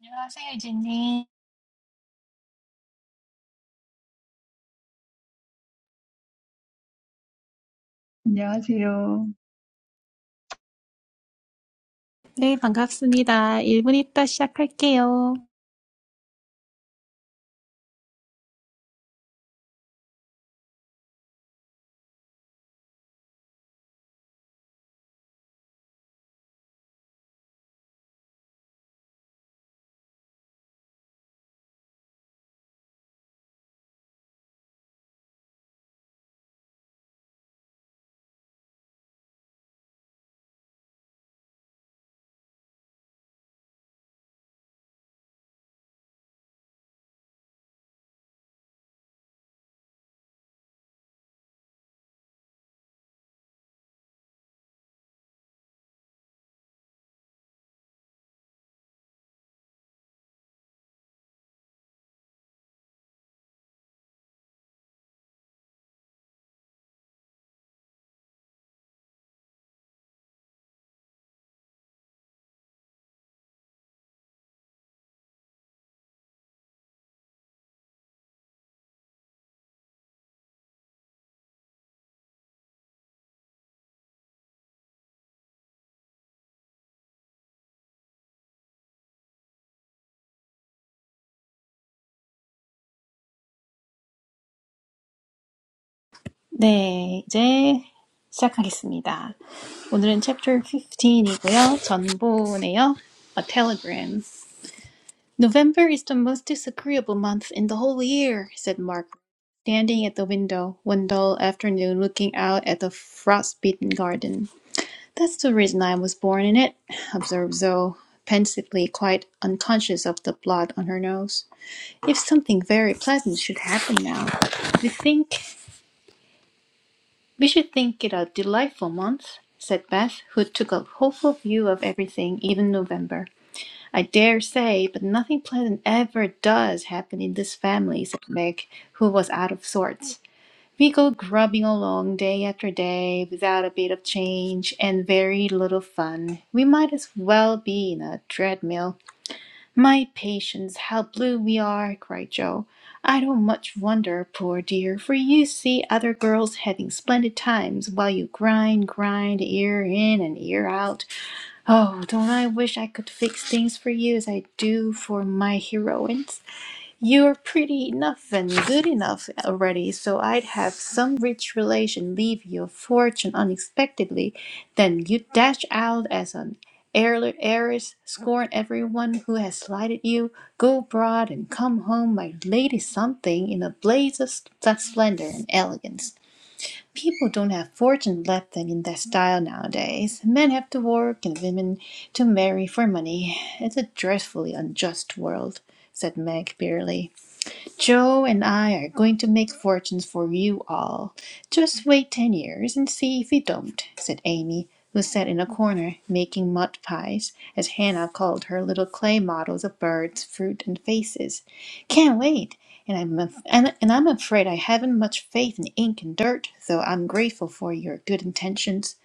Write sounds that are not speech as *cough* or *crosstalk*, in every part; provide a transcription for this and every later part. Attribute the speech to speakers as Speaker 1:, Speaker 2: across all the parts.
Speaker 1: 안녕하세요, 유진님.
Speaker 2: 안녕하세요.
Speaker 1: 네, 반갑습니다. 일 분 있다 시작할게요. 네, 이제 시작하겠습니다. 오늘은 chapter 15이고요. 전보네요. A telegram. November is the most disagreeable month in the whole year, said Mark, standing at the window one dull afternoon looking out at the frost-beaten garden. That's the reason I was born in it, observed Zoe, pensively, quite unconscious of the blood on her nose. If something very pleasant should happen now, we think we should think it a delightful month, said Beth, who took a hopeful view of everything, even November. I dare say, but nothing pleasant ever does happen in this family, said Meg, who was out of sorts. We go grubbing along day after day without a bit of change and very little fun. We might as well be in a treadmill My patience, how blue we are! cried Joe. I don't much wonder, poor dear, for you see other girls having splendid times while you grind, grind, ear in and ear out. Oh, don't I wish I could fix things for you as I do for my heroines? You're pretty enough and good enough already, so I'd have some rich relation leave you a fortune unexpectedly. Then you dash out as an heirl- heiress, scorn everyone who has slighted you, go abroad and come home my lady something in a blaze of s- splendor and elegance. People don't have fortune left them in that style nowadays. Men have to work and women to marry for money. It's a dreadfully unjust world, said Meg bitterly. Joe and I are going to make fortunes for you all. Just wait ten years and see if we don't, said Amy, who sat in a corner making mud pies, as Hannah called her little clay models of birds, fruit, and faces. Can't wait. And I'm, af- and, and I'm afraid I haven't much faith in ink and dirt, though I'm grateful for your good intentions.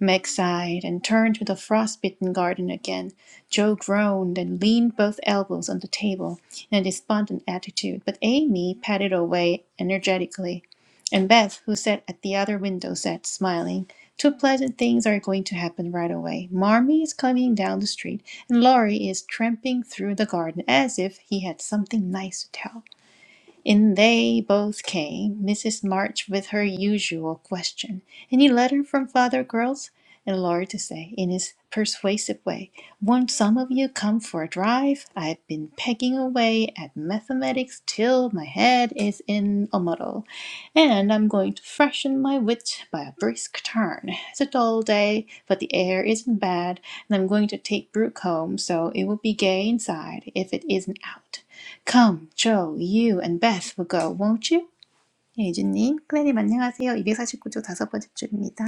Speaker 1: Meg sighed and turned to the frostbitten garden again. Joe groaned and leaned both elbows on the table in a despondent attitude, but Amy patted away energetically. And Beth, who sat at the other window, said, smiling, Two pleasant things are going to happen right away. Marmee is coming down the street, and Laurie is tramping through the garden as if he had something nice to tell. In they both came, Mrs. March with her usual question. Any letter from father, girls? And Laurie to say, in his persuasive way, Won't some of you come for a drive? I've been pegging away at mathematics till my head is in a muddle, and I'm going to freshen my wit by a brisk turn. It's a dull day, but the air isn't bad, and I'm going to take Brooke home, so it will be gay inside if it isn't out. Come, Joe, you and Beth will go, won't you? 예유진님, 클레님 안녕하세요. 249조 다섯 번째 줄입니다.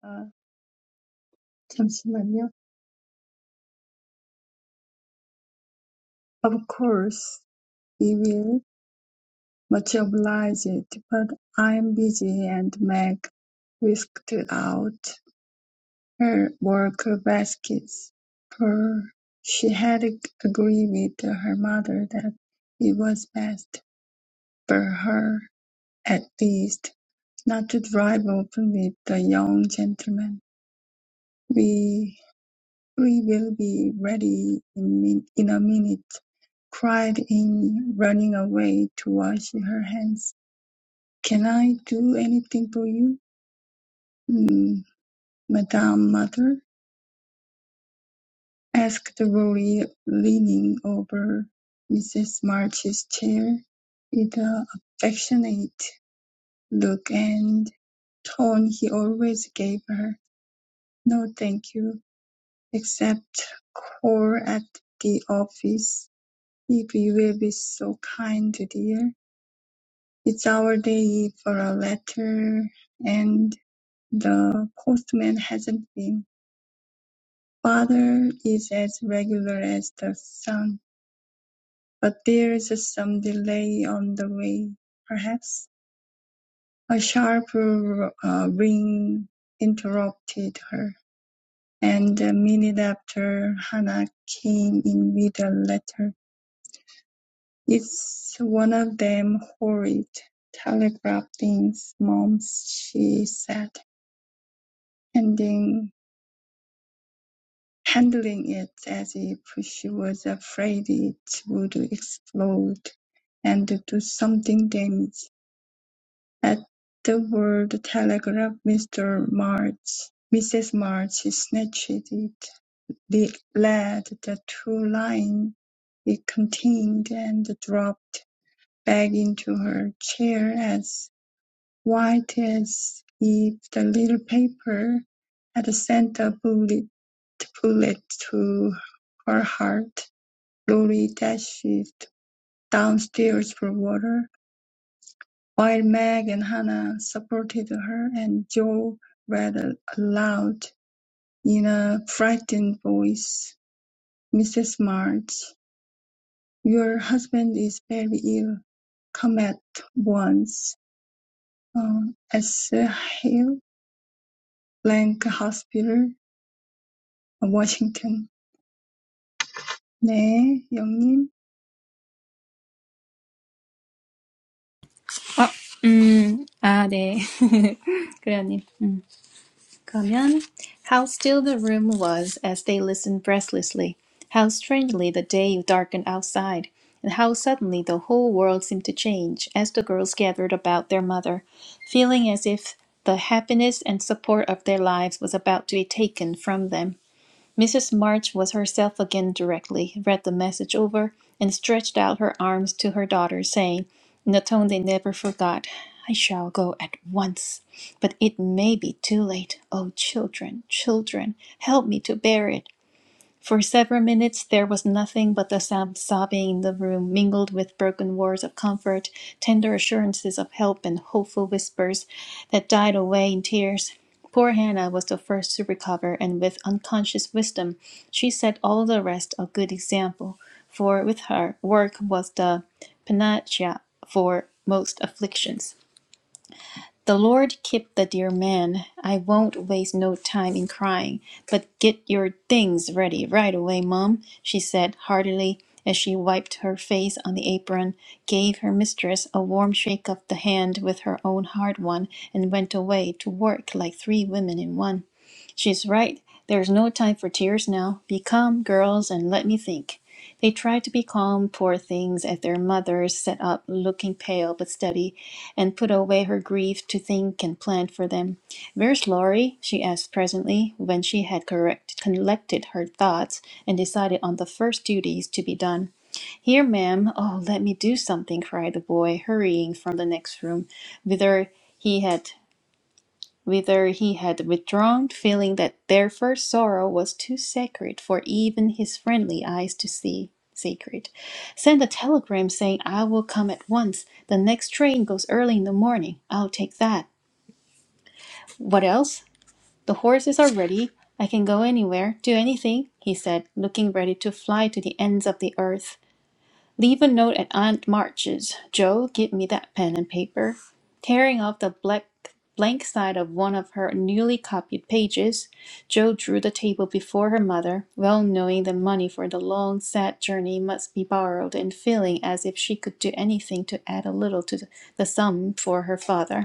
Speaker 2: 아, 잠시만요. Of course, we will. Much obliged, but I'm busy and Meg whisked out her work baskets, for she had ag- agreed with her mother that it was best for her, at least, not to drive open with the young gentleman. We will be ready in, min- in a minute, cried Amy, running away to wash her hands. Can I do anything for you, mm, Madame Mother? asked Rory, leaning over Mrs. March's chair with the affectionate look and tone he always gave her. No, thank you, except call at the office If you will be so kind, dear. It's our day for a letter, and the postman hasn't been. Father is as regular as the sun, but there's some delay on the way, perhaps. A sharp uh, ring interrupted her, and a minute after Hannah came in with a letter. It's one of them horrid telegraph things, Mom," she said, handing, handling it as if she was afraid it would explode and do something damage. At the word telegraph, Mr. March, Mrs. March snatched it, le- read the two lines it contained, and dropped back into her chair as. White as if the little paper had sent a bullet bullet to her heart. Lori dashed downstairs for water, while Meg and Hannah supported her, and Joe read aloud in a frightened voice, "Mrs. March, your husband is very ill. Come at once. Uh, S. Hill Blank Hospital. 워싱턴. 네, 영님.
Speaker 1: 어, 음, 아, 네. *laughs* 클레어님. 음. 그러면 How still the room was as they listened breathlessly. How strangely the day darkened outside. And how suddenly the whole world seemed to change as the girls gathered about their mother, feeling as if the happiness and support of their lives was about to be taken from them. Mrs. March was herself again directly, read the message over, and stretched out her arms to her daughter, saying, in a tone they never forgot, I shall go at once, but it may be too late. Oh, children, children, help me to bear it. For several minutes there was nothing but the sob- sobbing in the room, mingled with broken words of comfort, tender assurances of help, and hopeful whispers that died away in tears. Poor Hannah was the first to recover, and with unconscious wisdom, she set all the rest a good example. For with her, work was the panacea for most afflictions. The Lord keep the dear man. I won't waste no time in crying, but get your things ready right away, Mum, she said heartily as she wiped her face on the apron, gave her mistress a warm shake of the hand with her own hard one, and went away to work like three women in one. She's right. There's no time for tears now. Be calm, girls, and let me think. They tried to be calm, poor things, as their mothers sat up, looking pale but steady, and put away her grief to think and plan for them. Where's Laurie? she asked presently, when she had correct, collected her thoughts and decided on the first duties to be done. Here, ma'am. Oh, let me do something, cried the boy, hurrying from the next room, whither he had whither he had withdrawn, feeling that their first sorrow was too sacred for even his friendly eyes to see. Sacred. Send a telegram saying, I will come at once. The next train goes early in the morning. I'll take that. What else? The horses are ready. I can go anywhere, do anything, he said, looking ready to fly to the ends of the earth. Leave a note at Aunt March's. Joe, give me that pen and paper. Tearing off the black, blank side of one of her newly copied pages, Joe drew the table before her mother, well knowing the money for the long, sad journey must be borrowed, and feeling as if she could do anything to add a little to the sum for her father.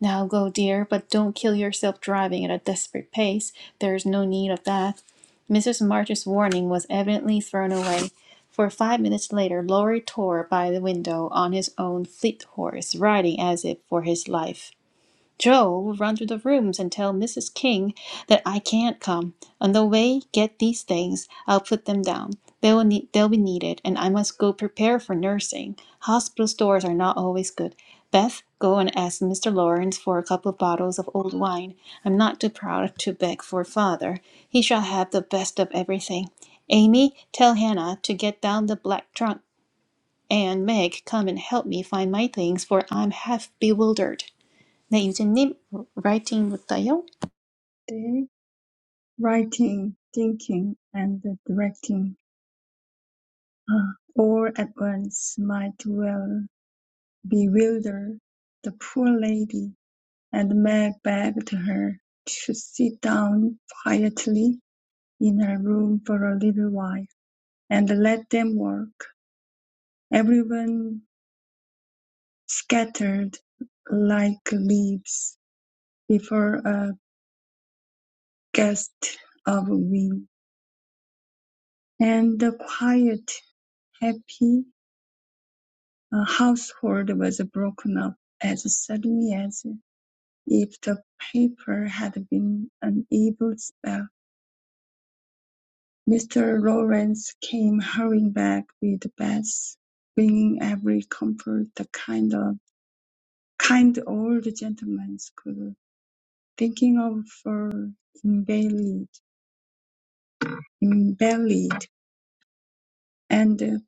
Speaker 1: Now go, dear, but don't kill yourself driving at a desperate pace. There is no need of that. Mrs. March's warning was evidently thrown away, for five minutes later Lorry tore by the window on his own fleet horse, riding as if for his life. Joe will run through the rooms and tell Mrs. King that I can't come. On the way, get these things. I'll put them down. They will need, they'll be needed, and I must go prepare for nursing. Hospital stores are not always good. Beth, go and ask Mr. Lawrence for a couple of bottles of old wine. I'm not too proud to beg for father. He shall have the best of everything. Amy, tell Hannah to get down the black trunk. And Meg, come and help me find my things, for I'm half bewildered. 네, 유진님, 라이팅부터요?
Speaker 2: 네. Writing, thinking, and directing. 아, all at once might well bewilder the poor lady, and Meg begged her to sit down quietly in her room for a little while and let them work. Everyone scattered like leaves before a gust of wind, and the quiet Happy uh, household was broken up as suddenly as if the paper had been an evil spell. Mr. Lawrence came hurrying back with Bess, bringing every comfort the kind of kind old gentleman could thinking of for invalid, invalid, and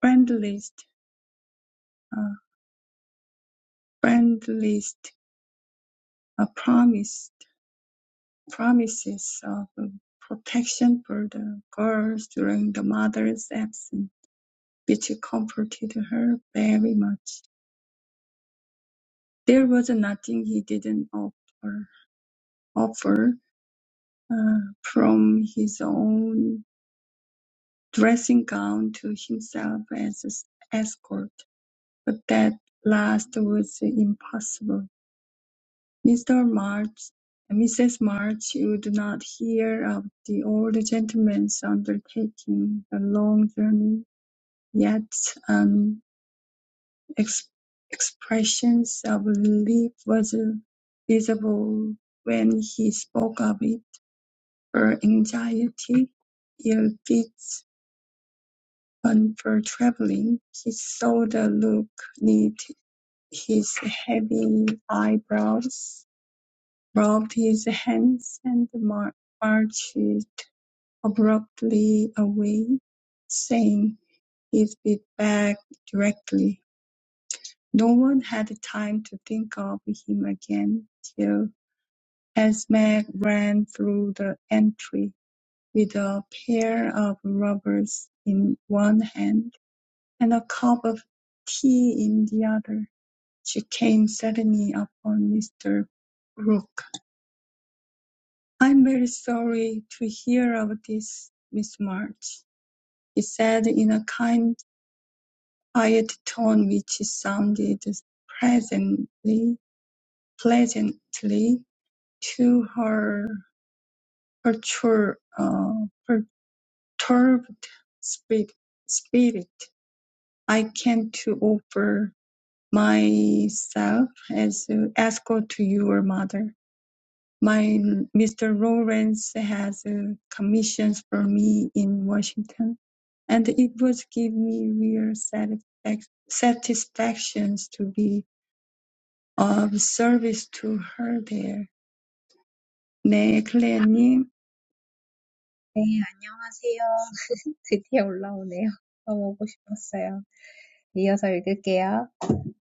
Speaker 2: friendliest, uh, friendliest a promise. promises of protection for the girls during the mother's absence, which comforted her very much. There was nothing he didn't offer, offer uh, from his own dressing gown to himself as an escort, but that last was impossible. Mr. March Mrs. March would not hear of the old gentleman's undertaking the long journey Yet an ex- expression of relief was visible when he spoke of it. Her anxiety, ill fits, on for traveling, he saw the look knit his heavy eyebrows, rubbed his hands, and mar- marched abruptly away, saying, "He'll be back directly." No one had time to think of him again till Esme ran through the entry with a pair of rubbers in one hand and a cup of tea in the other. She came suddenly upon Mr. Brooke. "I'm very sorry to hear of this, Miss March," he said in a kind, quiet tone which sounded presently, pleasantly. to her pertur- uh, perturbed spirit, spirit, I came to offer myself as a escort to your mother. My Mr. Lawrence has uh, commissions for me in Washington, and it was give me real satisfac- satisfactions to be of service to her there. 네, 클레어님.
Speaker 3: 네, 안녕하세요. *laughs* 드디어 올라오네요. 너무 오고 싶었어요. 이어서 읽을게요.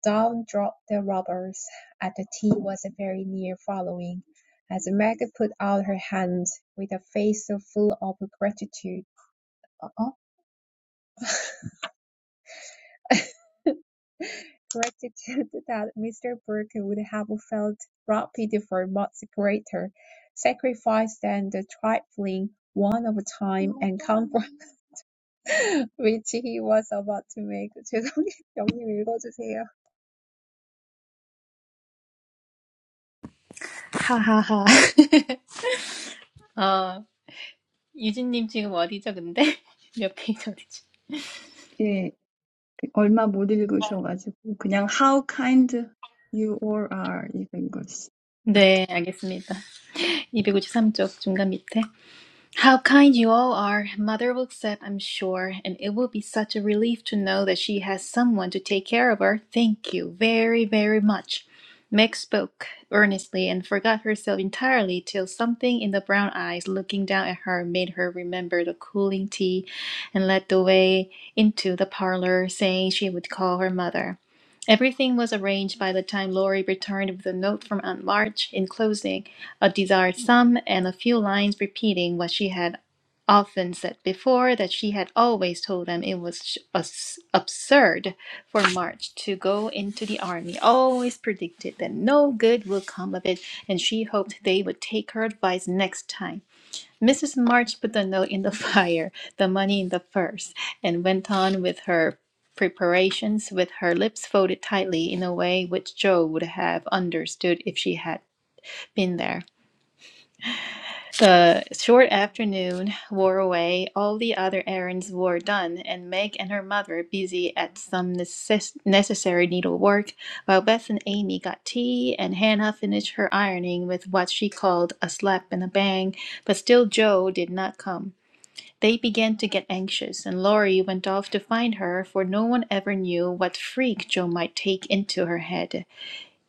Speaker 3: Down dropped the robbers, and the tea was very near following, as Meg put out her hand with a face so full of gratitude. Uh-oh. *laughs* gratitude that Mr. Brooke would have felt rapid for much greater sacrifice than the trifling one of time and comfort. *laughs* which he was about to make. *laughs* 죄송해요. 영님 읽어주세요.
Speaker 1: 하하하. *laughs* 어, 유진님 지금 어디죠, 근데? *laughs* 몇 페이지 어디지?
Speaker 2: 얼마 못 읽으셔가지고 그냥 How kind you all are 읽은 것 같아요.
Speaker 1: 네, 알겠습니다. 253쪽 중간 밑에. How kind you all are. Mother will accept, I'm sure, and it will be such a relief to know that she has someone to take care of her. Thank you very, very much. Meg spoke earnestly and forgot herself entirely till something in the brown eyes looking down at her made her remember the cooling tea and led the way into the parlor, saying she would call her mother. Everything was arranged by the time Laurie returned with a note from Aunt March, enclosing a desired sum, and a few lines repeating what she had often said before that she had always told them it was absurd for March to go into the army, always predicted that no good would come of it, and she hoped they would take her advice next time. Mrs. March put the note in the *laughs* fire, the money in the purse, and went on with her preparations with her lips folded tightly in a way which Joe would have understood if she had been there. The short afternoon wore away, all the other errands were done, and Meg and her mother busy at some necess- necessary needlework, while Beth and Amy got tea, and Hannah finished her ironing with what she called a slap and a bang, but still Joe did not come. They began to get anxious, and Laurie went off to find her, for no one ever knew what freak Joe might take into her head.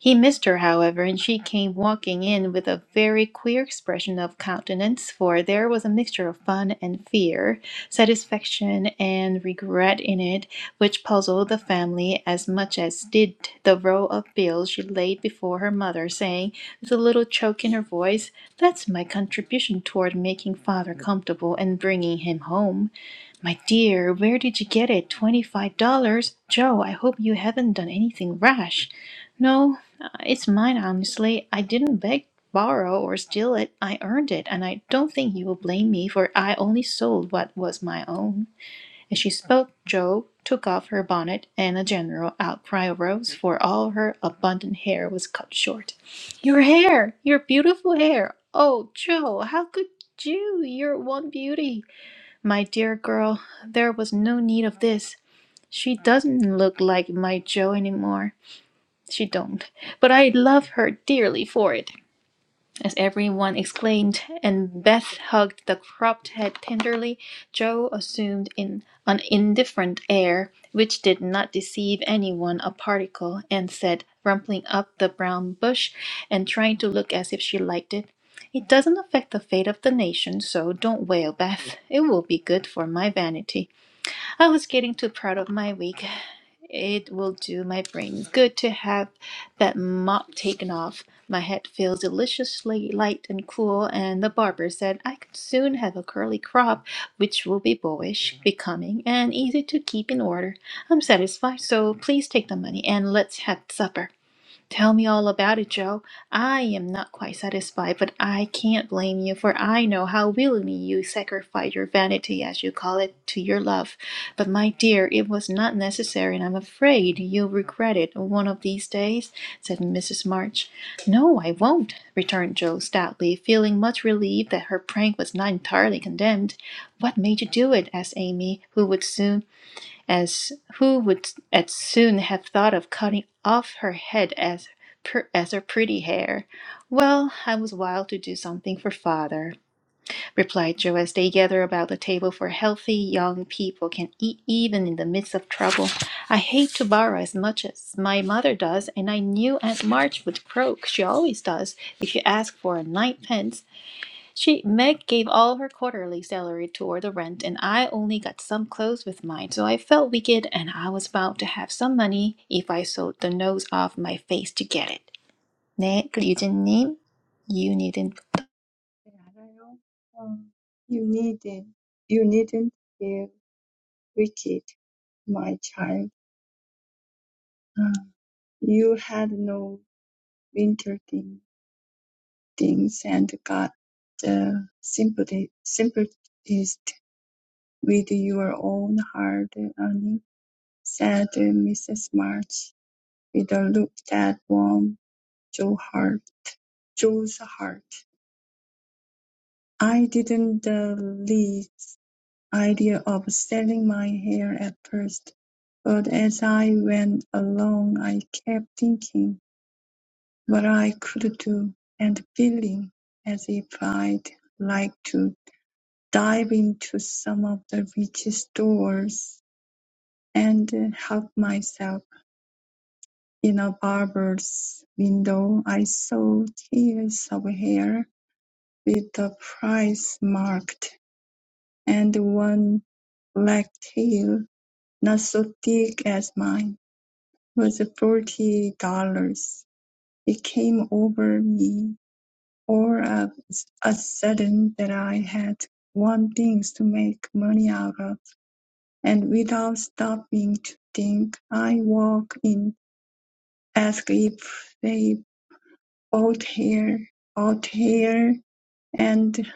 Speaker 1: He missed her, however, and she came walking in with a very queer expression of countenance, for there was a mixture of fun and fear, satisfaction and regret in it, which puzzled the family as much as did the roll of bills she laid before her mother, saying, with a little choke in her voice, That's my contribution toward making father comfortable and bringing him home. "My dear, where did you get it? Twenty five dollars! Joe, I hope you haven't done anything rash." "No, uh, it's mine honestly. I didn't beg, borrow, or steal it. I earned it, and I don't think you will blame me, for I only sold what was my own." As she spoke, Joe took off her bonnet, and a general outcry arose, for all her abundant hair was cut short. "Your hair! Your beautiful hair! Oh, Joe, how could you? You're one beauty!" My dear girl, there was no need of this. She doesn't look like my Jo anymore. She don't. But I love her dearly for it, as everyone exclaimed, and Beth hugged the cropped head tenderly. Jo assumed in an indifferent air, which did not deceive anyone a particle, and said, rumpling up the brown bush and trying to look as if she liked it, it doesn't affect the fate of the nation, so don't wail, Beth. It will be good for my vanity. I was getting too proud of my wig. It will do my brain good to have that mop taken off. My head feels deliciously light and cool, and the barber said I could soon have a curly crop, which will be boyish, becoming, and easy to keep in order. I'm satisfied, so please take the money and let's have supper. Tell me all about it, Joe. I am not quite satisfied, but I can't blame you, for I know how willingly you sacrificed your vanity, as you call it, to your love. But, my dear, it was not necessary, and I'm afraid you'll regret it one of these days, said Mrs. March. No, I won't, returned Joe stoutly, feeling much relieved that her prank was not entirely condemned. What made you do it? asked Amy, who would soon as who would as soon have thought of cutting off her head as per, as her pretty hair. Well, I was wild to do something for father, replied Joe as they gathered about the table for healthy young people can eat even in the midst of trouble. I hate to borrow as much as my mother does, and I knew Aunt March would croak. She always does if you ask for a ninepence she Meg gave all her quarterly salary toward the rent, and I only got some clothes with mine, so I felt wicked, and I was bound to have some money if I sewed the nose off my face to get it. 네, 그 유진님, you needn't.
Speaker 2: 네, 알아요. 어, you needn't, you needn't feel wicked, my child. 아, You had no winter thing, things and got the sympathy, sympathist with your own hard earning, said Mrs. March with a look that warmed Joe's heart. Joe's heart. I didn't the least idea of selling my hair at first, but as I went along, I kept thinking what I could do and feeling as if I'd like to dive into some of the richest stores and help myself. In a barber's window, I saw tiers of hair with the price marked. And one black tail, not so thick as mine, was forty dollars. It came over me all of a sudden that I had one thing to make money out of, and without stopping to think, I walked in, asked if they bought hair, bought hair, and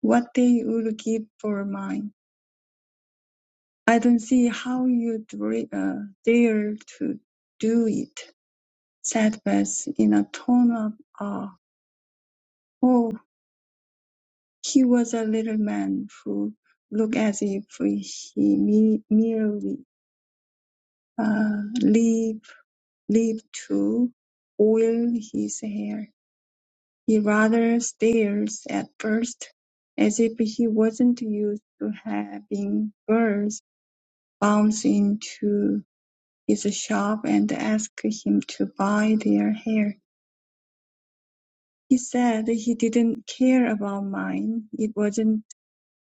Speaker 2: what they would give for mine. "I don't see how you dare uh, dare to do it," said Beth in a tone of awe. Oh, he was a little man who looked as if he me- merely uh, lived, lived to oil his hair. He rather stares at first, as if he wasn't used to having girls bounce into his shop and asked him to buy their hair. He said he didn't care about mine. It wasn't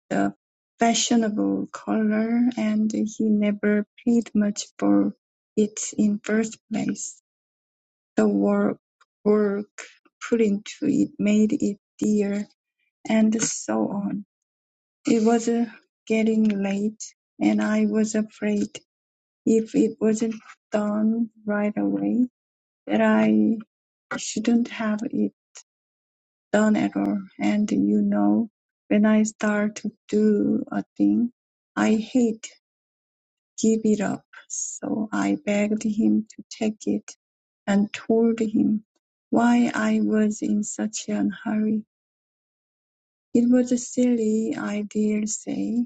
Speaker 2: a fashionable color and he never paid much for it in first place. The work, work put into it made it dear and so on. It was uh, getting late and I was afraid if it wasn't done right away that I shouldn't have it done at all. And you know, when I start to do a thing, I hate give it up. So I begged him to take it and told him why I was in such a hurry. It was a silly, I dare say,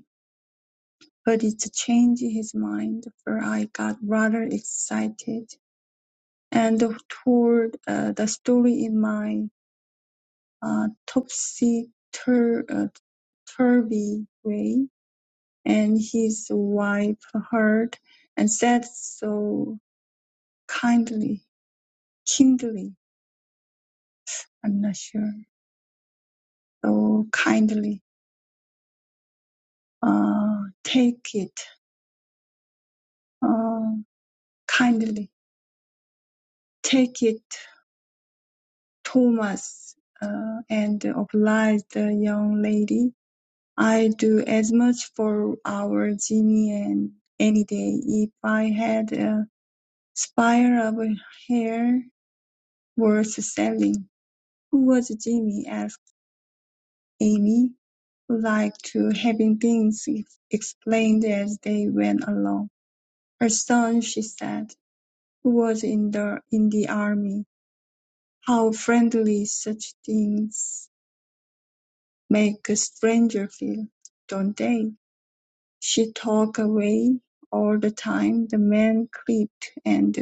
Speaker 2: but it changed his mind, for I got rather excited and told uh, the story in my. uh, topsy-tur- uh, turvy way, and his wife heard and said so kindly, kindly, I'm not sure, so kindly, uh, take it, uh, kindly, take it, Thomas, uh, and obliged the young lady. I do as much for our Jimmy and any day if I had. uh, Spire of hair were selling. "Who was Jimmy?" asked Amy, who liked to having things explained as they went along. Her son," she said, "who was in the in the army. How friendly such things make a stranger feel, don't they?" She talked away all the time. The man clipped and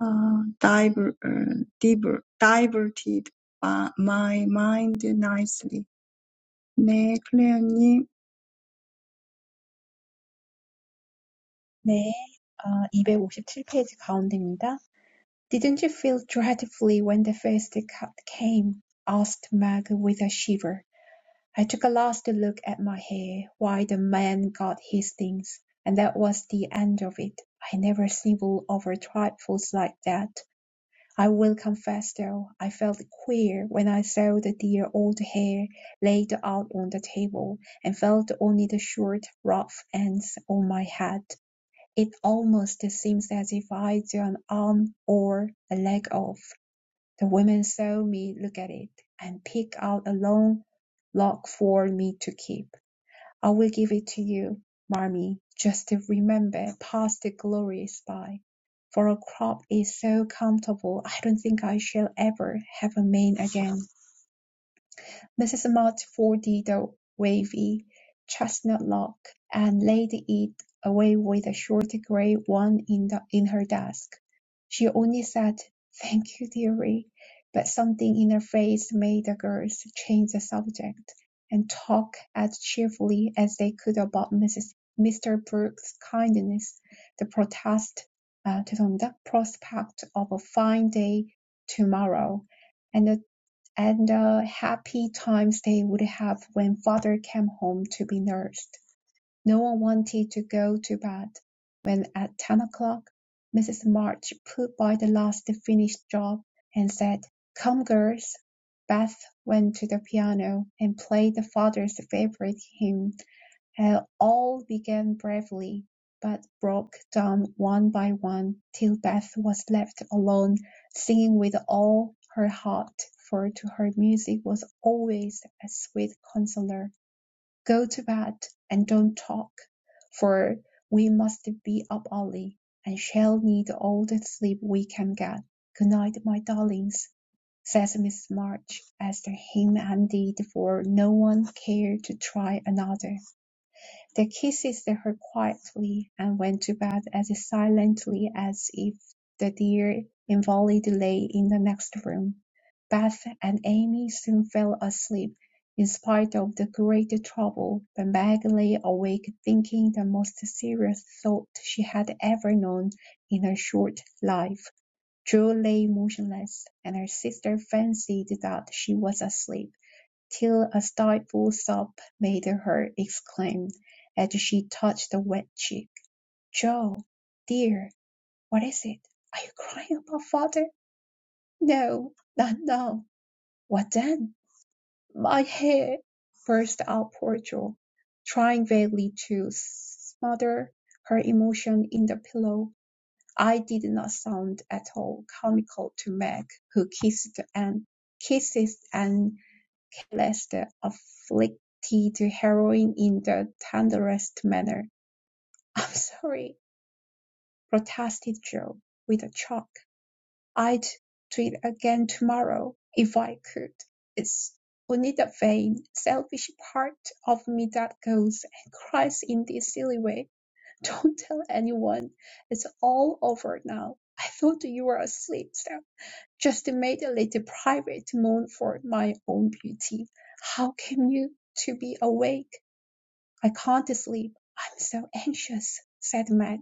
Speaker 2: uh, diver, uh, diver, diverted by my mind nicely. 네, 클레어님.
Speaker 3: 네, 어, 이백오십칠 페이지 257페이지 가운데입니다. Didn't you feel dreadfully when the first cut came? asked Meg with a shiver. I took a last look at my hair while the man got his things, and that was the end of it. I never snivel over trifles like that. I will confess, though, I felt queer when I saw the dear old hair laid out on the table, and felt only the short, rough ends on my head. It almost seems as if I'd an arm or a leg off. The women saw me look at it, and pick out a long lock for me to keep. I will give it to you, Marmee, just to remember past glories by. For a crop is so comfortable, I don't think I shall ever have a man again. Mrs. is folded the wavy chestnut lock, and laid it away with a short grey one in the in her desk. She only said, "Thank you, dearie," but something in her face made the girls change the subject, and talk as cheerfully as they could about Mrs. Mr. Brooks's kindness, the protest, 아, 죄송합니다. prospect of a fine day tomorrow, and the and the happy times they would have when father came home to be nursed. No one wanted to go to bed when at ten o'clock Mrs. March put by the last finished job and said, Come, girls. Beth went to the piano and played the father's favorite hymn. Uh, All began bravely, but broke down one by one, till Beth was left alone, singing with all her heart, for to her music was always a sweet consoler. "Go to bed, and don't talk, for we must be up early, and shall need all the sleep we can get. Good night, my darlings," says Miss March, as the hymn ended, for no one cared to try another. They kissed her quietly, and went to bed as silently as if the dear invalid lay in the next room. Beth and Amy soon fell asleep, in spite of the great trouble, but Meg lay awake thinking the most serious thought she had ever known in her short life. Drew lay motionless, and her sister fancied that she was asleep till a stifled sob made her exclaim, as she touched the wet cheek, "Joe, dear, what is it? Are you crying about father?" "No, not now." "What then?" "My head," burst out poor Joe, trying vainly to smother her emotion in the pillow. It did not sound at all comical to Meg, who kissed and kisses and kills the afflicted heroine in the tenderest manner. *laughs* "I'm sorry," protested Joe, with a choke. "I'd do it again tomorrow if I could. It's only the vain, selfish part of me that goes and cries in this silly way. *laughs* Don't tell anyone. It's all over now. I thought you were asleep, Stella. Just made a little private moan for my own beauty. How came you to be awake? I can't sleep. I'm so anxious, said Meg.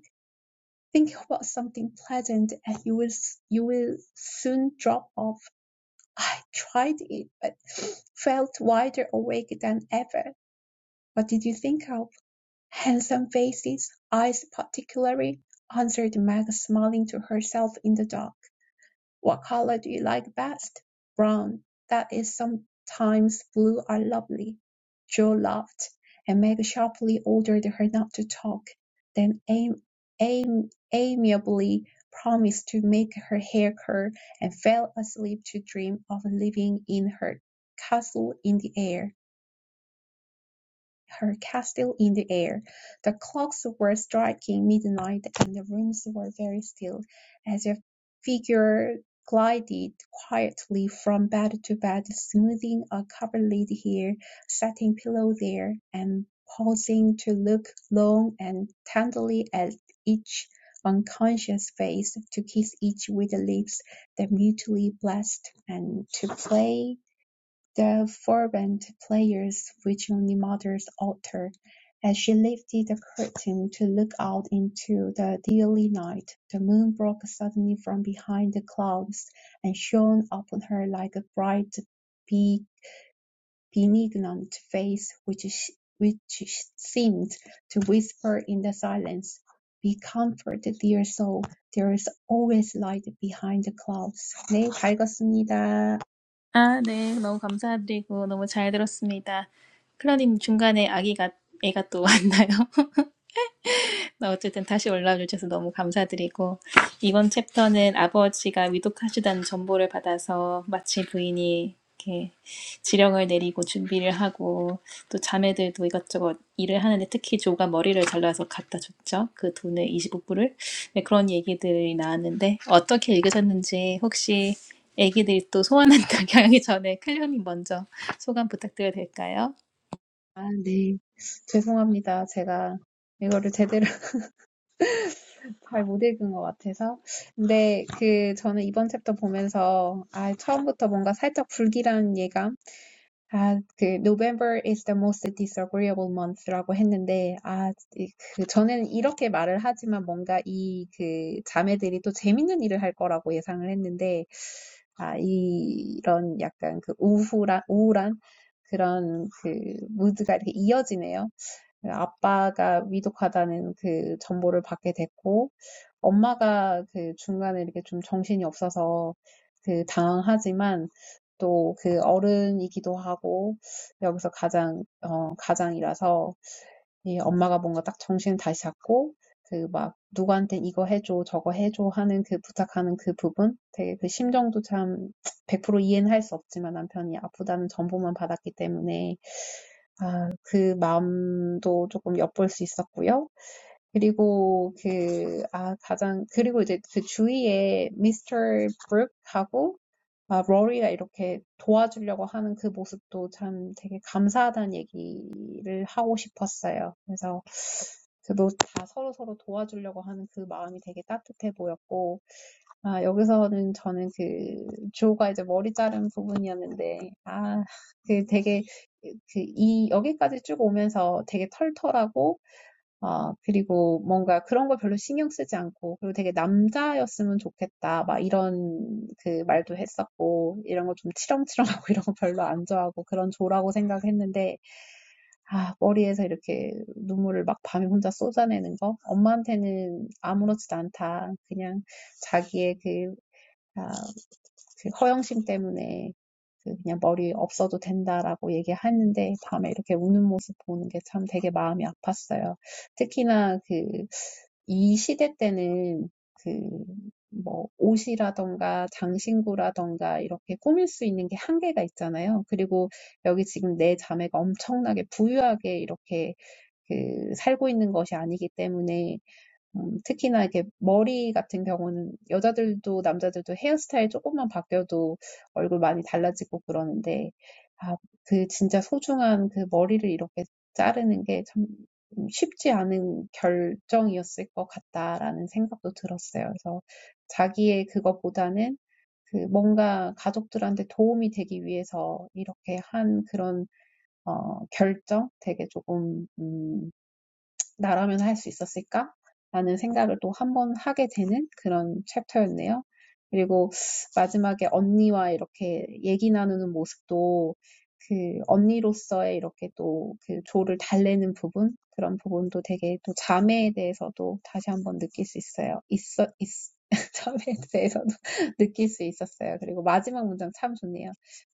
Speaker 3: Think about something pleasant and you will, you will soon drop off. I tried it, but felt wider awake than ever. What did you think of? Handsome faces, eyes particularly, answered Meg, smiling to herself in the dark. What color do you like best? Brown. That is sometimes blue are lovely. Joe laughed, and Meg sharply ordered her not to talk, then am- am- amiably promised to make her hair curl and fell asleep to dream of living in her castle in the air her castle in the air. The clocks were striking midnight, and the rooms were very still, as a figure glided quietly from bed to bed, smoothing a coverlid here, setting pillow there, and pausing to look long and tenderly at each unconscious face, to kiss each with the lips that mutually blessed, and to play the fervent prayers which only mothers utter, as she lifted the curtain to look out into the deathly night, the moon broke suddenly from behind the clouds, and shone upon her like a bright, benignant face, which, which seemed to whisper in the silence, "Be comforted, dear soul. There is always light behind the clouds." 네, 다
Speaker 1: 아, 네, 너무 감사드리고 너무 잘 들었습니다. 클라님 중간에 아기가 애가 또 *laughs* 왔나요? 어쨌든 다시 올라와 주셔서 너무 감사드리고 이번 챕터는 아버지가 위독하시다는 정보를 받아서 마치 부인이 이렇게 지령을 내리고 준비를 하고 또 자매들도 이것저것 일을 하는데 특히 조가 머리를 잘라서 갖다 줬죠. 그 돈을 25불을 네, 그런 얘기들이 나왔는데 어떻게 읽으셨는지 혹시 애기들이 또 소원한다고 *laughs* 하기 전에 클리어님 먼저 소감 부탁드려도 될까요?
Speaker 3: 아, 네. 죄송합니다. 제가 이거를 제대로 *laughs* 잘 못 읽은 것 같아서. 근데 그 저는 이번 챕터 보면서 아, 처음부터 뭔가 살짝 불길한 예감. 아, 그 November is the most disagreeable month라고 했는데 아, 이- 그 저는 이렇게 말을 하지만 뭔가 이 그 자매들이 또 재밌는 일을 할 거라고 예상을 했는데 아, 이- 이런 약간 그 우울한 우울한 그런 그 무드가 이렇게 이어지네요. 아빠가 위독하다는 그 정보를 받게 됐고, 엄마가 그 중간에 이렇게 좀 정신이 없어서 그 당황하지만, 또 그 어른이기도 하고, 여기서 가장, 어, 가장이라서, 이 엄마가 뭔가 딱 정신을 다시 잡고, 그 막, 누구한테 이거 해줘, 저거 해줘 하는 그 부탁하는 그 부분, 되게 그 심정도 참100% 이해는 할 수 없지만 남편이 아프다는 정보만 받았기 때문에 그 마음도 조금 엿볼 수 있었고요. 그리고 그, 아, 가장, 그리고 이제 그 주위에 미스터 브룩하고 아, 로리가 이렇게 도와주려고 하는 그 모습도 참 되게 감사하다는 얘기를 하고 싶었어요. 그래서 그도 다 서로서로 도와주려고 하는 그 마음이 되게 따뜻해 보였고, 아, 여기서는 저는 그, 주호가 이제 머리 자른 부분이었는데, 아, 그 되게, 그, 이, 여기까지 쭉 오면서 되게 털털하고, 어, 그리고 뭔가 그런 걸 별로 신경 쓰지 않고, 그리고 되게 남자였으면 좋겠다, 막 이런 그 말도 했었고, 이런 거 좀 치렁치렁하고 *laughs* 이런 거 별로 안 좋아하고, 그런 조라고 생각했는데, 아, 머리에서 이렇게 눈물을 막 밤에 혼자 쏟아내는 거? 엄마한테는 아무렇지도 않다. 그냥 자기의 그, 아, 그 허영심 때문에 그 그냥 머리 없어도 된다라고 얘기하는데 밤에 이렇게 우는 모습 보는 게참 되게 마음이 아팠어요. 특히나 그이 시대 때는 그 뭐 옷이라던가 장신구라던가 이렇게 꾸밀 수 있는 게 한계가 있잖아요. 그리고 여기 지금 내 자매가 엄청나게 부유하게 이렇게 그 살고 있는 것이 아니기 때문에 음, 특히나 이렇게 머리 같은 경우는 여자들도 남자들도 헤어스타일 조금만 바뀌어도 얼굴 많이 달라지고 그러는데, 아, 그 진짜 소중한 그 머리를 이렇게 자르는 게 참 쉽지 않은 결정이었을 것 같다라는 생각도 들었어요. 그래서 자기의 그거보다는 그 뭔가 가족들한테 도움이 되기 위해서 이렇게 한 그런 어, 결정 되게 조금 음, 나라면 할 수 있었을까? 라는 생각을 또 한번 하게 되는 그런 챕터였네요. 그리고 마지막에 언니와 이렇게 얘기 나누는 모습도 그 언니로서의 이렇게 또그 조를 달래는 부분, 그런 부분도 되게 또 자매에 대해서도 다시 한번 느낄 수 있어요. 있어, 있, *laughs* 자매에 대해서도 *laughs* 느낄 수 있었어요. 그리고 마지막 문장 참 좋네요.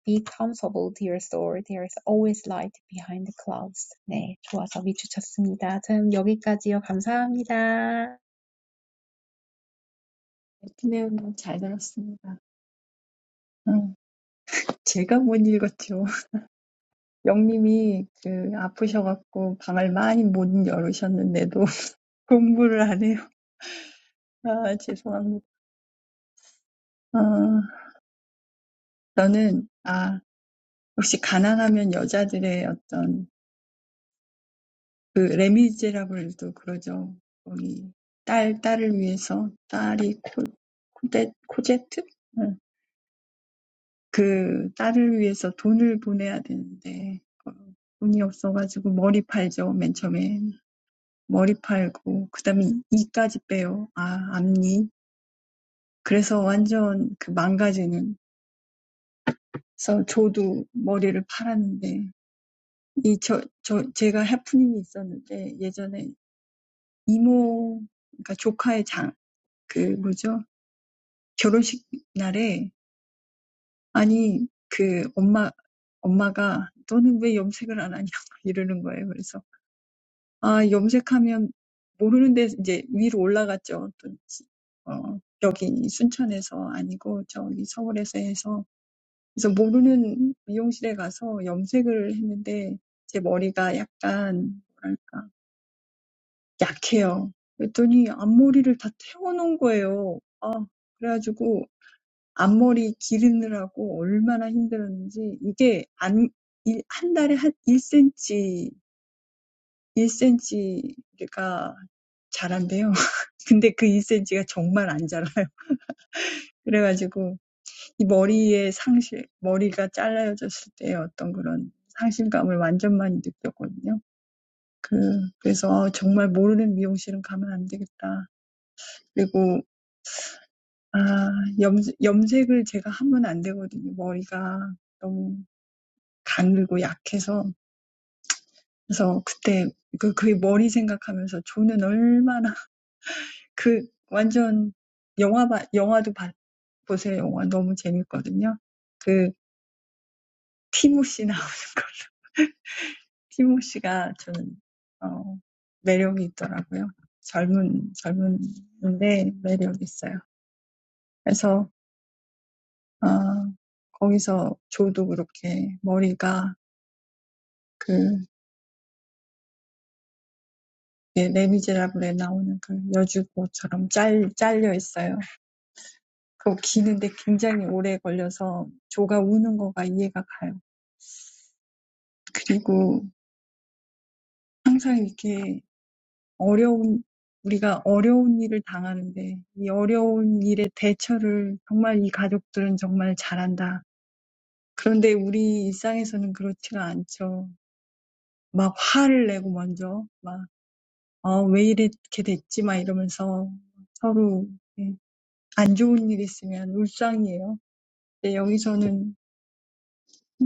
Speaker 3: Be comfortable, Dear soul, There is always light behind the clouds. 네, 좋아서 미주쳤습니다. 저는 여기까지요. 감사합니다.
Speaker 2: 네, 클레어님 잘 들었습니다. 어, 제가 못 읽었죠. *laughs* 영님이 그 아프셔갖고 방을 많이 못 열으셨는데도 *laughs* 공부를 안 해요. 아, 죄송합니다. 어, 저는, 아, 혹시 가난하면 여자들의 어떤 그 레미제라블도 그러죠. 거기 딸 딸을 위해서 딸이 코 코데 코제트? 응. 그 딸을 위해서 돈을 보내야 되는데 어, 돈이 없어가지고 머리 팔죠. 맨 처음에 머리 팔고 그다음에 이까지 빼요. 아 앞니. 그래서 완전 그 망가지는. 그래서 저도 머리를 팔았는데 이 저 저 제가 해프닝이 있었는데 예전에 이모 그러니까 조카의 장 그 뭐죠? 결혼식 날에 아니 그 엄마 엄마가 너는 왜 염색을 안 하냐 *laughs* 이러는 거예요. 그래서 아 염색하면 모르는데 이제 위로 올라갔죠. 또 어, 여기 순천에서 아니고 저기 서울에서 해서 그래서 모르는 미용실에 가서 염색을 했는데 제 머리가 약간 뭐랄까 약해요. 그랬더니 앞머리를 다 태워놓은 거예요. 그래가지고 앞머리 기르느라고 얼마나 힘들었는지 이게 안, 일, 한 달에 한 1cm, 1cm가 자란대요. *laughs* 근데 그 1cm가 정말 안 자라요. *laughs* 그래가지고 이 머리의 상실, 머리가 잘라졌을 때 어떤 그런 상실감을 완전 많이 느꼈거든요. 그, 그래서 그래서 정말 모르는 미용실은 가면 안 되겠다. 그리고 아, 염, 염색을 제가 하면 안 되거든요. 머리가 너무 가늘고 약해서 그래서 그때 그그 머리 생각하면서 조는 얼마나 그 완전 영화 봐 영화도 봐 보세요. 영화 너무 재밌거든요. 그 티모시 나오는 거. *laughs* 티모시가 저는 어 매력이 있더라고요. 젊은 젊은데 매력 있어요. 그래서 아 거기서 조도 그렇게 머리가 그 예, 레미제라블에 나오는 그 여주고처럼 짤 잘려 있어요. 그거 기는데 굉장히 오래 걸려서 조가 우는 거가 이해가 가요. 그리고 항상 이렇게 어려운, 우리가 어려운 일을 당하는데 이 어려운 일에 대처를 정말 이 가족들은 정말 잘한다. 그런데 우리 일상에서는 그렇지가 않죠. 막 화를 내고 먼저 막, 어, 왜 이렇게 됐지? 막 이러면서 서로 안 좋은 일 있으면 울상이에요. 근데 여기서는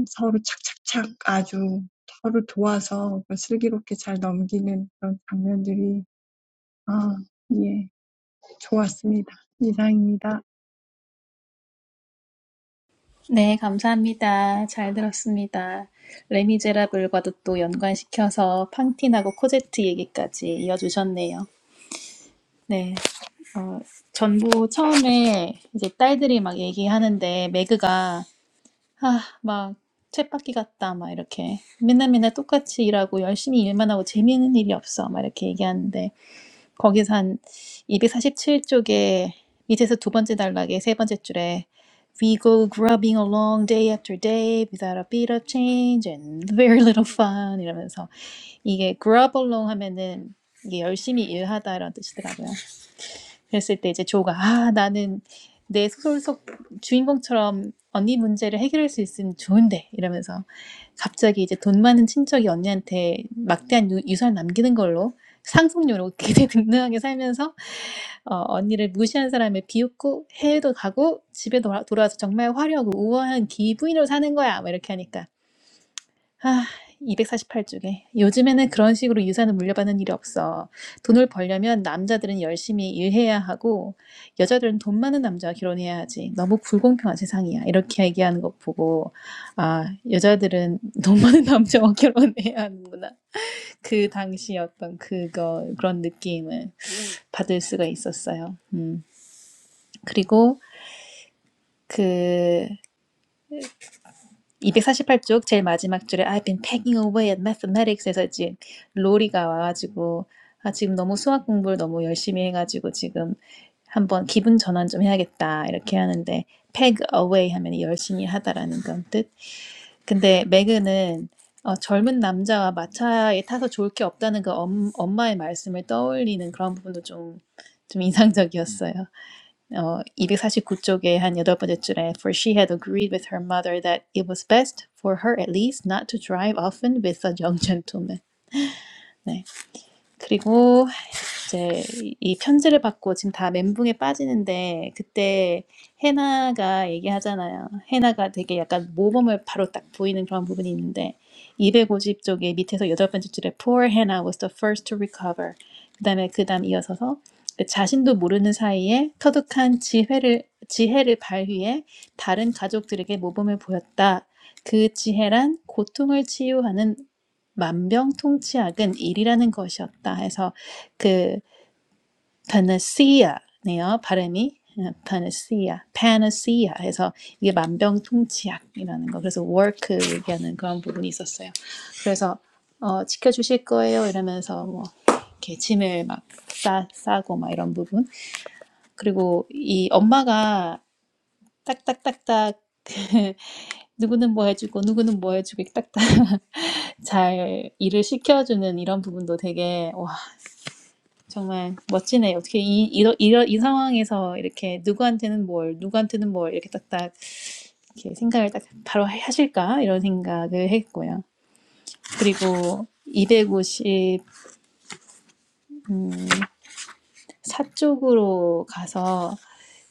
Speaker 2: 서로 착착착 아주 서로 도와서 슬기롭게 잘 넘기는 그런 장면들이 아, 예, 좋았습니다. 이상입니다.
Speaker 1: 네, 감사합니다. 잘 들었습니다. 레미제라블과도 또 연관시켜서 팡틴하고 코제트 얘기까지 이어주셨네요. 네, 어, 전부 처음에 이제 딸들이 막 얘기하는데 매그가 아, 막 쳇바퀴 같다 막 이렇게 맨날 맨날 똑같이 일하고 열심히 일만 하고 재미있는 일이 없어 막 이렇게 얘기하는데 거기서 한 이백사십칠 쪽에 밑에서 두 번째 단락에 세 번째 줄에 We go grubbing along day after day without a bit of change and very little fun 이러면서 이게 grub along 하면은 이게 열심히 일하다라는 뜻이더라고요. 그랬을 때 이제 조가 아 나는 내 소설 속 주인공처럼 언니 문제를 해결할 수 있으면 좋은데 이러면서 갑자기 이제 돈 많은 친척이 언니한테 막대한 유, 유산 남기는 걸로 상속료로 굉장히 등등하게 *laughs* 살면서 어, 언니를 무시한 사람을 비웃고 해외도 가고 집에 돌아, 돌아와서 정말 화려하고 우아한 기부인으로 사는 거야 막 이렇게 하니까 아, 이백사십팔 쪽에 요즘에는 그런 식으로 유산을 물려받는 일이 없어. 돈을 벌려면 남자들은 열심히 일해야 하고, 여자들은 돈 많은 남자와 결혼해야 하지. 너무 불공평한 세상이야. 이렇게 얘기하는 거 보고, 아, 여자들은 *laughs* 돈 많은 남자와 결혼해야 하는구나. 그 당시 어떤 그거, 그런 느낌을 받을 수가 있었어요. 음. 그리고 그, 248쪽 제일 마지막 줄에 I've been pegging away at mathematics에서 이제 로리가 와가지고 아 지금 너무 수학 공부를 너무 열심히 해가지고 지금 한번 기분 전환 좀 해야겠다 이렇게 하는데 peg away 하면 열심히 하다라는 건 뜻. 근데 매그는 어, 젊은 남자와 마차에 타서 좋을 게 없다는 그 엄, 엄마의 말씀을 떠올리는 그런 부분도 좀 좀 인상적이었어요. 어, 249쪽에 한 여덟 번째 줄에 For she had agreed with her mother that it was best for her at least not to drive often with a young gentleman. 네. 그리고 이제 이 편지를 받고 지금 다 멘붕에 빠지는데 그때 해나가 얘기하잖아요. 해나가 되게 약간 모범을 바로 딱 보이는 그런 부분이 있는데 이백오십 쪽에 밑에서 여덟 번째 줄에 Poor Hannah was the first to recover. 그다음에 그다음 이어서서 그 자신도 모르는 사이에 터득한 지혜를 지혜를 발휘해 다른 가족들에게 모범을 보였다. 그 지혜란 고통을 치유하는 만병통치약은 일이라는 것이었다 해서 그 panacea네요. 발음이 panacea, panacea 해서 이게 만병통치약이라는 거. 그래서 work 얘기하는 그런 부분이 있었어요. 그래서 어, 지켜주실 거예요 이러면서 뭐 이렇게 짐을 막 싸, 싸고 막 이런 부분. 그리고 이 엄마가 딱딱딱딱 *laughs* 누구는 뭐 해주고 누구는 뭐 해주고 딱딱 잘 일을 시켜주는 이런 부분도 되게 와. 정말 멋지네요. 어떻게 이, 이러, 이러, 이 상황에서 이렇게 누구한테는 뭘, 누구한테는 뭘 이렇게 딱딱 이렇게 생각을 딱 바로 하실까? 이런 생각을 했고요. 그리고 이백오십사 쪽으로 가서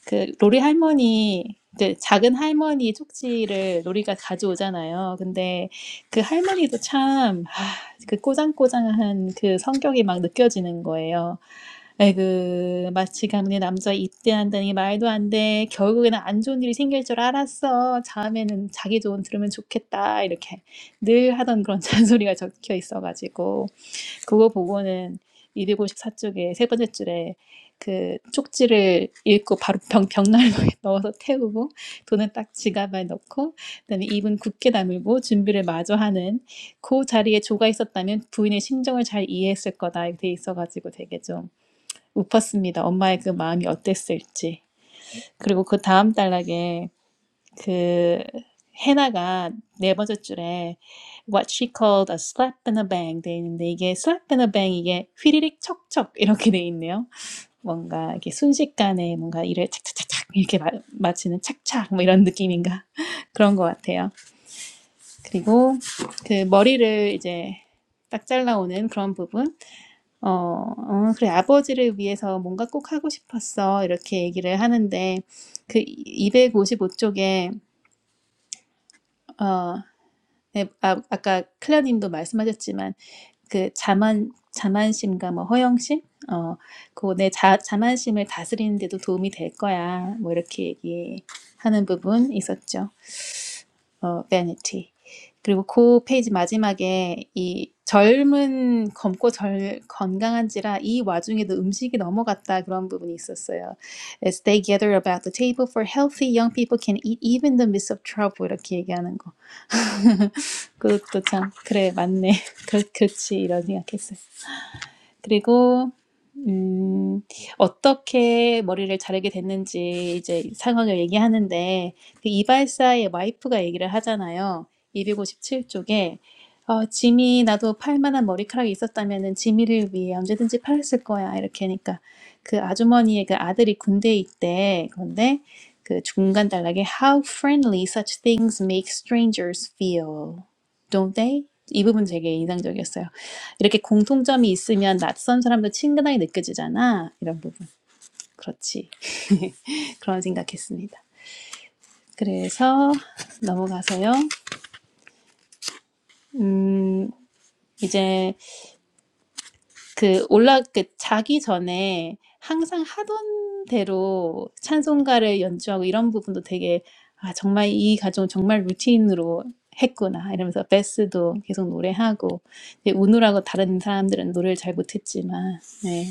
Speaker 1: 그 로리 할머니 이제 작은 할머니 쪽지를 로리가 가져오잖아요. 근데 그 할머니도 참, 아, 그 꼬장꼬장한 그 성격이 막 느껴지는 거예요. 에그 마치 가문의 남자 입대한다니 말도 안 돼. 결국에는 안 좋은 일이 생길 줄 알았어. 다음에는 자기 조언 들으면 좋겠다. 이렇게 늘 하던 그런 *laughs* 잔소리가 적혀 있어가지고 그거 보고는 이백오십사 쪽에 세 번째 줄에 그 쪽지를 읽고 바로 병, 벽난로에 *laughs* 넣어서 태우고 돈은 딱 지갑에 넣고 그다음에 입은 굳게 다물고 준비를 마저 하는 그 자리에 조가 있었다면 부인의 심정을 잘 이해했을 거다 이렇게 돼 있어가지고 되게 좀 웃었습니다. 엄마의 그 마음이 어땠을지. 그리고 그 다음 단락에 그 해나가 네 번째 줄에 what she called a slap and a bang 돼 있는데 이게 slap and a bang 이게 휘리릭 척척 이렇게 돼 있네요. 뭔가 이렇게 순식간에 뭔가 일을 착착착착 이렇게 마, 마치는 착착 뭐 이런 느낌인가 *laughs* 그런 것 같아요. 그리고 그 머리를 이제 딱 잘라오는 그런 부분. 어, 어, 그래 아버지를 위해서 뭔가 꼭 하고 싶었어 이렇게 얘기를 하는데 그 이백오십오 쪽에 어 네, 아, 아까 클레어님도 말씀하셨지만 그 자만 자만심과 뭐 허영심 어그 내 자, 자만심을 다스리는 데도 도움이 될 거야 뭐 이렇게 얘기하는 부분 있었죠 어 vanity 그리고 그 페이지 마지막에 이 젊은 젊고 절 건강한지라 이 와중에도 음식이 넘어갔다 그런 부분이 있었어요 as they gather about the table for healthy young people can eat even the midst of trouble 이렇게 얘기하는 거 그것도 참 그래 맞네. *laughs* 그렇, 그렇지 이런 생각했어요. 그리고 음, 어떻게 머리를 자르게 됐는지 이제 상황을 얘기하는데 그 이발사의 와이프가 얘기를 하잖아요. 257쪽에 어, 짐이 나도 팔 만한 머리카락이 있었다면은 지미를 위해 언제든지 팔았을 거야 이렇게 하니까 그 아주머니의 그 아들이 군대에 있대. 그런데 그 중간 단락에 How friendly such things make strangers feel, don't they? 이 부분 되게 인상적이었어요. 이렇게 공통점이 있으면 낯선 사람도 친근하게 느껴지잖아. 이런 부분. 그렇지. *laughs* 그런 생각했습니다. 그래서 넘어가서요. 음, 이제 그 올라 그 자기 전에 항상 하던 대로 찬송가를 연주하고 이런 부분도 되게 아 정말 이 가정 정말 루틴으로 했구나 이러면서 베스도 계속 노래하고 이제 우느라고 다른 사람들은 노래를 잘 못했지만 네.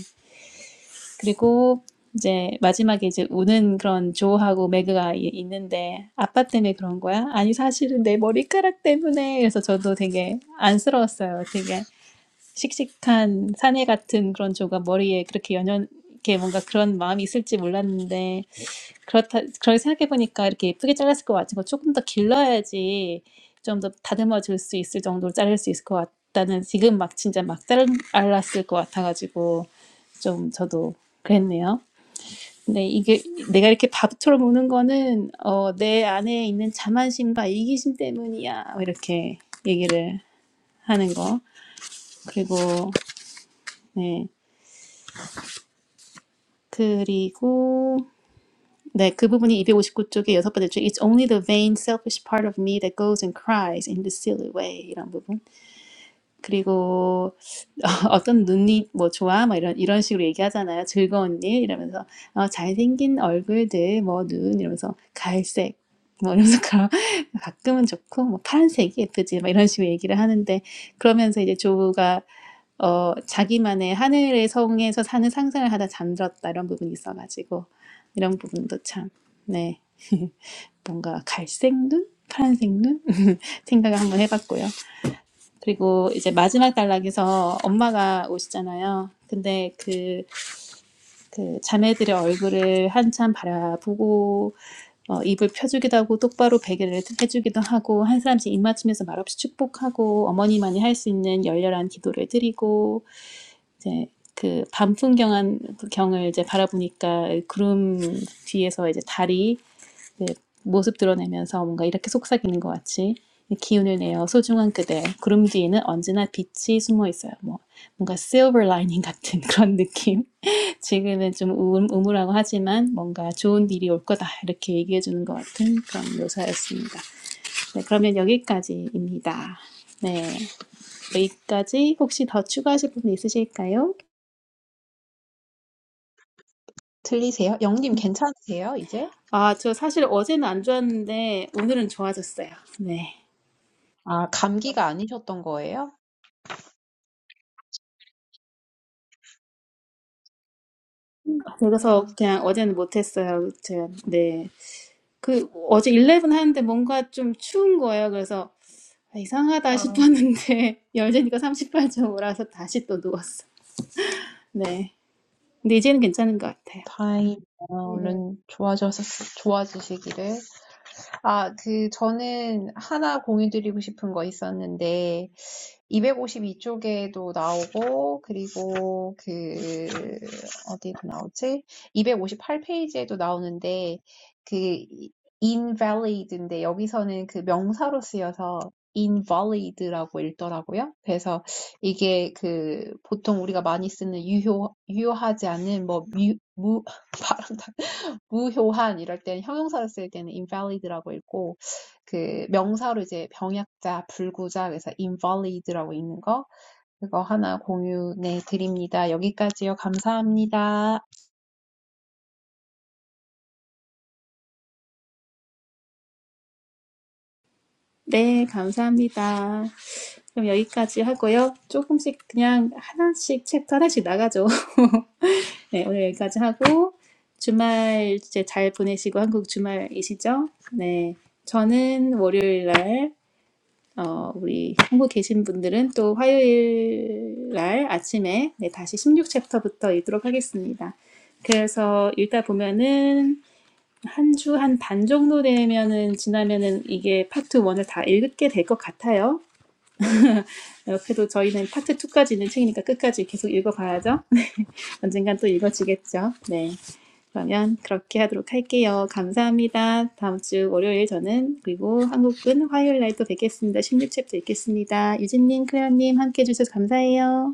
Speaker 1: 그리고 이제 마지막에 이제 우는 그런 조하고 매그가 있는데 아빠 때문에 그런 거야? 아니 사실은 내 머리카락 때문에 그래서 저도 되게 안쓰러웠어요. 되게 씩씩한 사내 같은 그런 조가 머리에 그렇게 연연 이렇게 뭔가 그런 마음이 있을지 몰랐는데 그렇다, 그렇게 생각해보니까 이렇게 예쁘게 잘랐을 것 같은 거 조금 더 길러야지 좀 더 다듬어질 수 있을 정도로 자를 수 있을 것 같다는 지금 막 진짜 막 잘- 잘랐을 것 같아가지고 좀 저도 그랬네요. 근데 이게 내가 이렇게 밥처럼 우는 거는 어, 내 안에 있는 자만심과 이기심 때문이야. 이렇게 얘기를 하는 거. 그리고, 네. 그리고 네, 그 부분이 이백오십구 쪽에 여섯 번째 줄 It's only the vain, selfish part of me that goes and cries in this silly way 이런 부분. 그리고 *laughs* 어떤 눈이 뭐 좋아 뭐 이런 이런 식으로 얘기하잖아요. 즐거운 일 이러면서 어, 잘생긴 얼굴들 뭐 눈 이러면서 갈색 뭐 이러면서 *laughs* 그런 가끔은 좋고 뭐 파란색이 예쁘지 막 이런 식으로 얘기를 하는데 그러면서 이제 조가 어 자기만의 하늘의 성에서 사는 상상을 하다 잠들었다 이런 부분이 있어가지고 이런 부분도 참 네. *laughs* 뭔가 갈색 눈? 파란색 눈? *laughs* 생각을 한번 해봤고요. 그리고 이제 마지막 단락에서 엄마가 오시잖아요. 근데 그, 그 자매들의 얼굴을 한참 바라보고 어, 입을 펴주기도 하고 똑바로 베개를 해주기도 하고 한 사람씩 입 맞추면서 말없이 축복하고 어머니만이 할 수 있는 열렬한 기도를 드리고 이제 그 밤풍경한 경을 이제 바라보니까 구름 뒤에서 이제 달이 이제 모습 드러내면서 뭔가 이렇게 속삭이는 것 같이 기운을 내어 소중한 그대 구름 뒤에는 언제나 빛이 숨어 있어요. 뭐 뭔가 silver lining 같은 *laughs* 그런 느낌. 지금은 좀 우울, 우물하고 하지만 뭔가 좋은 일이 올 거다 이렇게 얘기해 주는 것 같은 그런 묘사였습니다. 네, 그러면 여기까지입니다. 네, 여기까지 혹시 더 추가하실 부분 있으실까요?
Speaker 3: 들리세요? 영님 괜찮으세요, 이제?
Speaker 1: 아, 저 사실 어제는 안 좋았는데 오늘은 좋아졌어요. 네.
Speaker 3: 아, 감기가 아니셨던 거예요?
Speaker 1: 그래서 그냥 어제는 못했어요. 제가 네. 그 어제 11 하는데 뭔가 좀 추운 거예요. 그래서 아, 이상하다
Speaker 2: 아,
Speaker 1: 싶었는데 *laughs* 열재니까 38.5라서 다시 또 누웠어. 네. 근데 이제는 괜찮은 것 같아요.
Speaker 3: 다행이네요.
Speaker 2: 예.
Speaker 3: 얼른 좋아져서, 좋아지시기를. 아, 그, 저는 하나 공유드리고 싶은 거 있었는데, 252쪽에도 나오고, 그리고 그, 어디에도 나오지? 258페이지에도 나오는데, 그, invalid인데, 여기서는 그 명사로 쓰여서 invalid라고 읽더라고요. 그래서 이게 그, 보통 우리가 많이 쓰는 유효, 유효하지 않은, 뭐, 무, 무, *laughs* 발음 다 무효한 이럴 때는 형용사로 쓸 때는 invalid라고 읽고 그 명사로 이제 병약자, 불구자 그래서 invalid라고 읽는 거 그거 하나 공유해 드립니다. 여기까지요. 감사합니다.
Speaker 1: 네, 감사합니다. 그럼 여기까지 하고요. 조금씩 그냥 하나씩 챕터 하나씩 나가죠. *laughs* 네, 오늘 여기까지 하고 주말 이제 잘 보내시고 한국 주말이시죠? 네, 저는 월요일 날 어, 우리 한국 계신 분들은 또 화요일 날 아침에 네, 다시 십육 챕터부터 읽도록 하겠습니다. 그래서 읽다 보면은 한 주 한 반 정도 되면은 지나면은 이게 파트 1을 다 읽게 될 것 같아요. 옆에도 저희는 파트 2까지 있는 책이니까 끝까지 계속 읽어봐야죠. *laughs* 언젠간 또 읽어지겠죠. 네. 그러면 그렇게 하도록 할게요. 감사합니다. 다음 주 월요일 저는 그리고 한국은 화요일 날 또 뵙겠습니다. 십육 챕터 읽겠습니다. 유진님, 클레어님 함께 해주셔서 감사해요.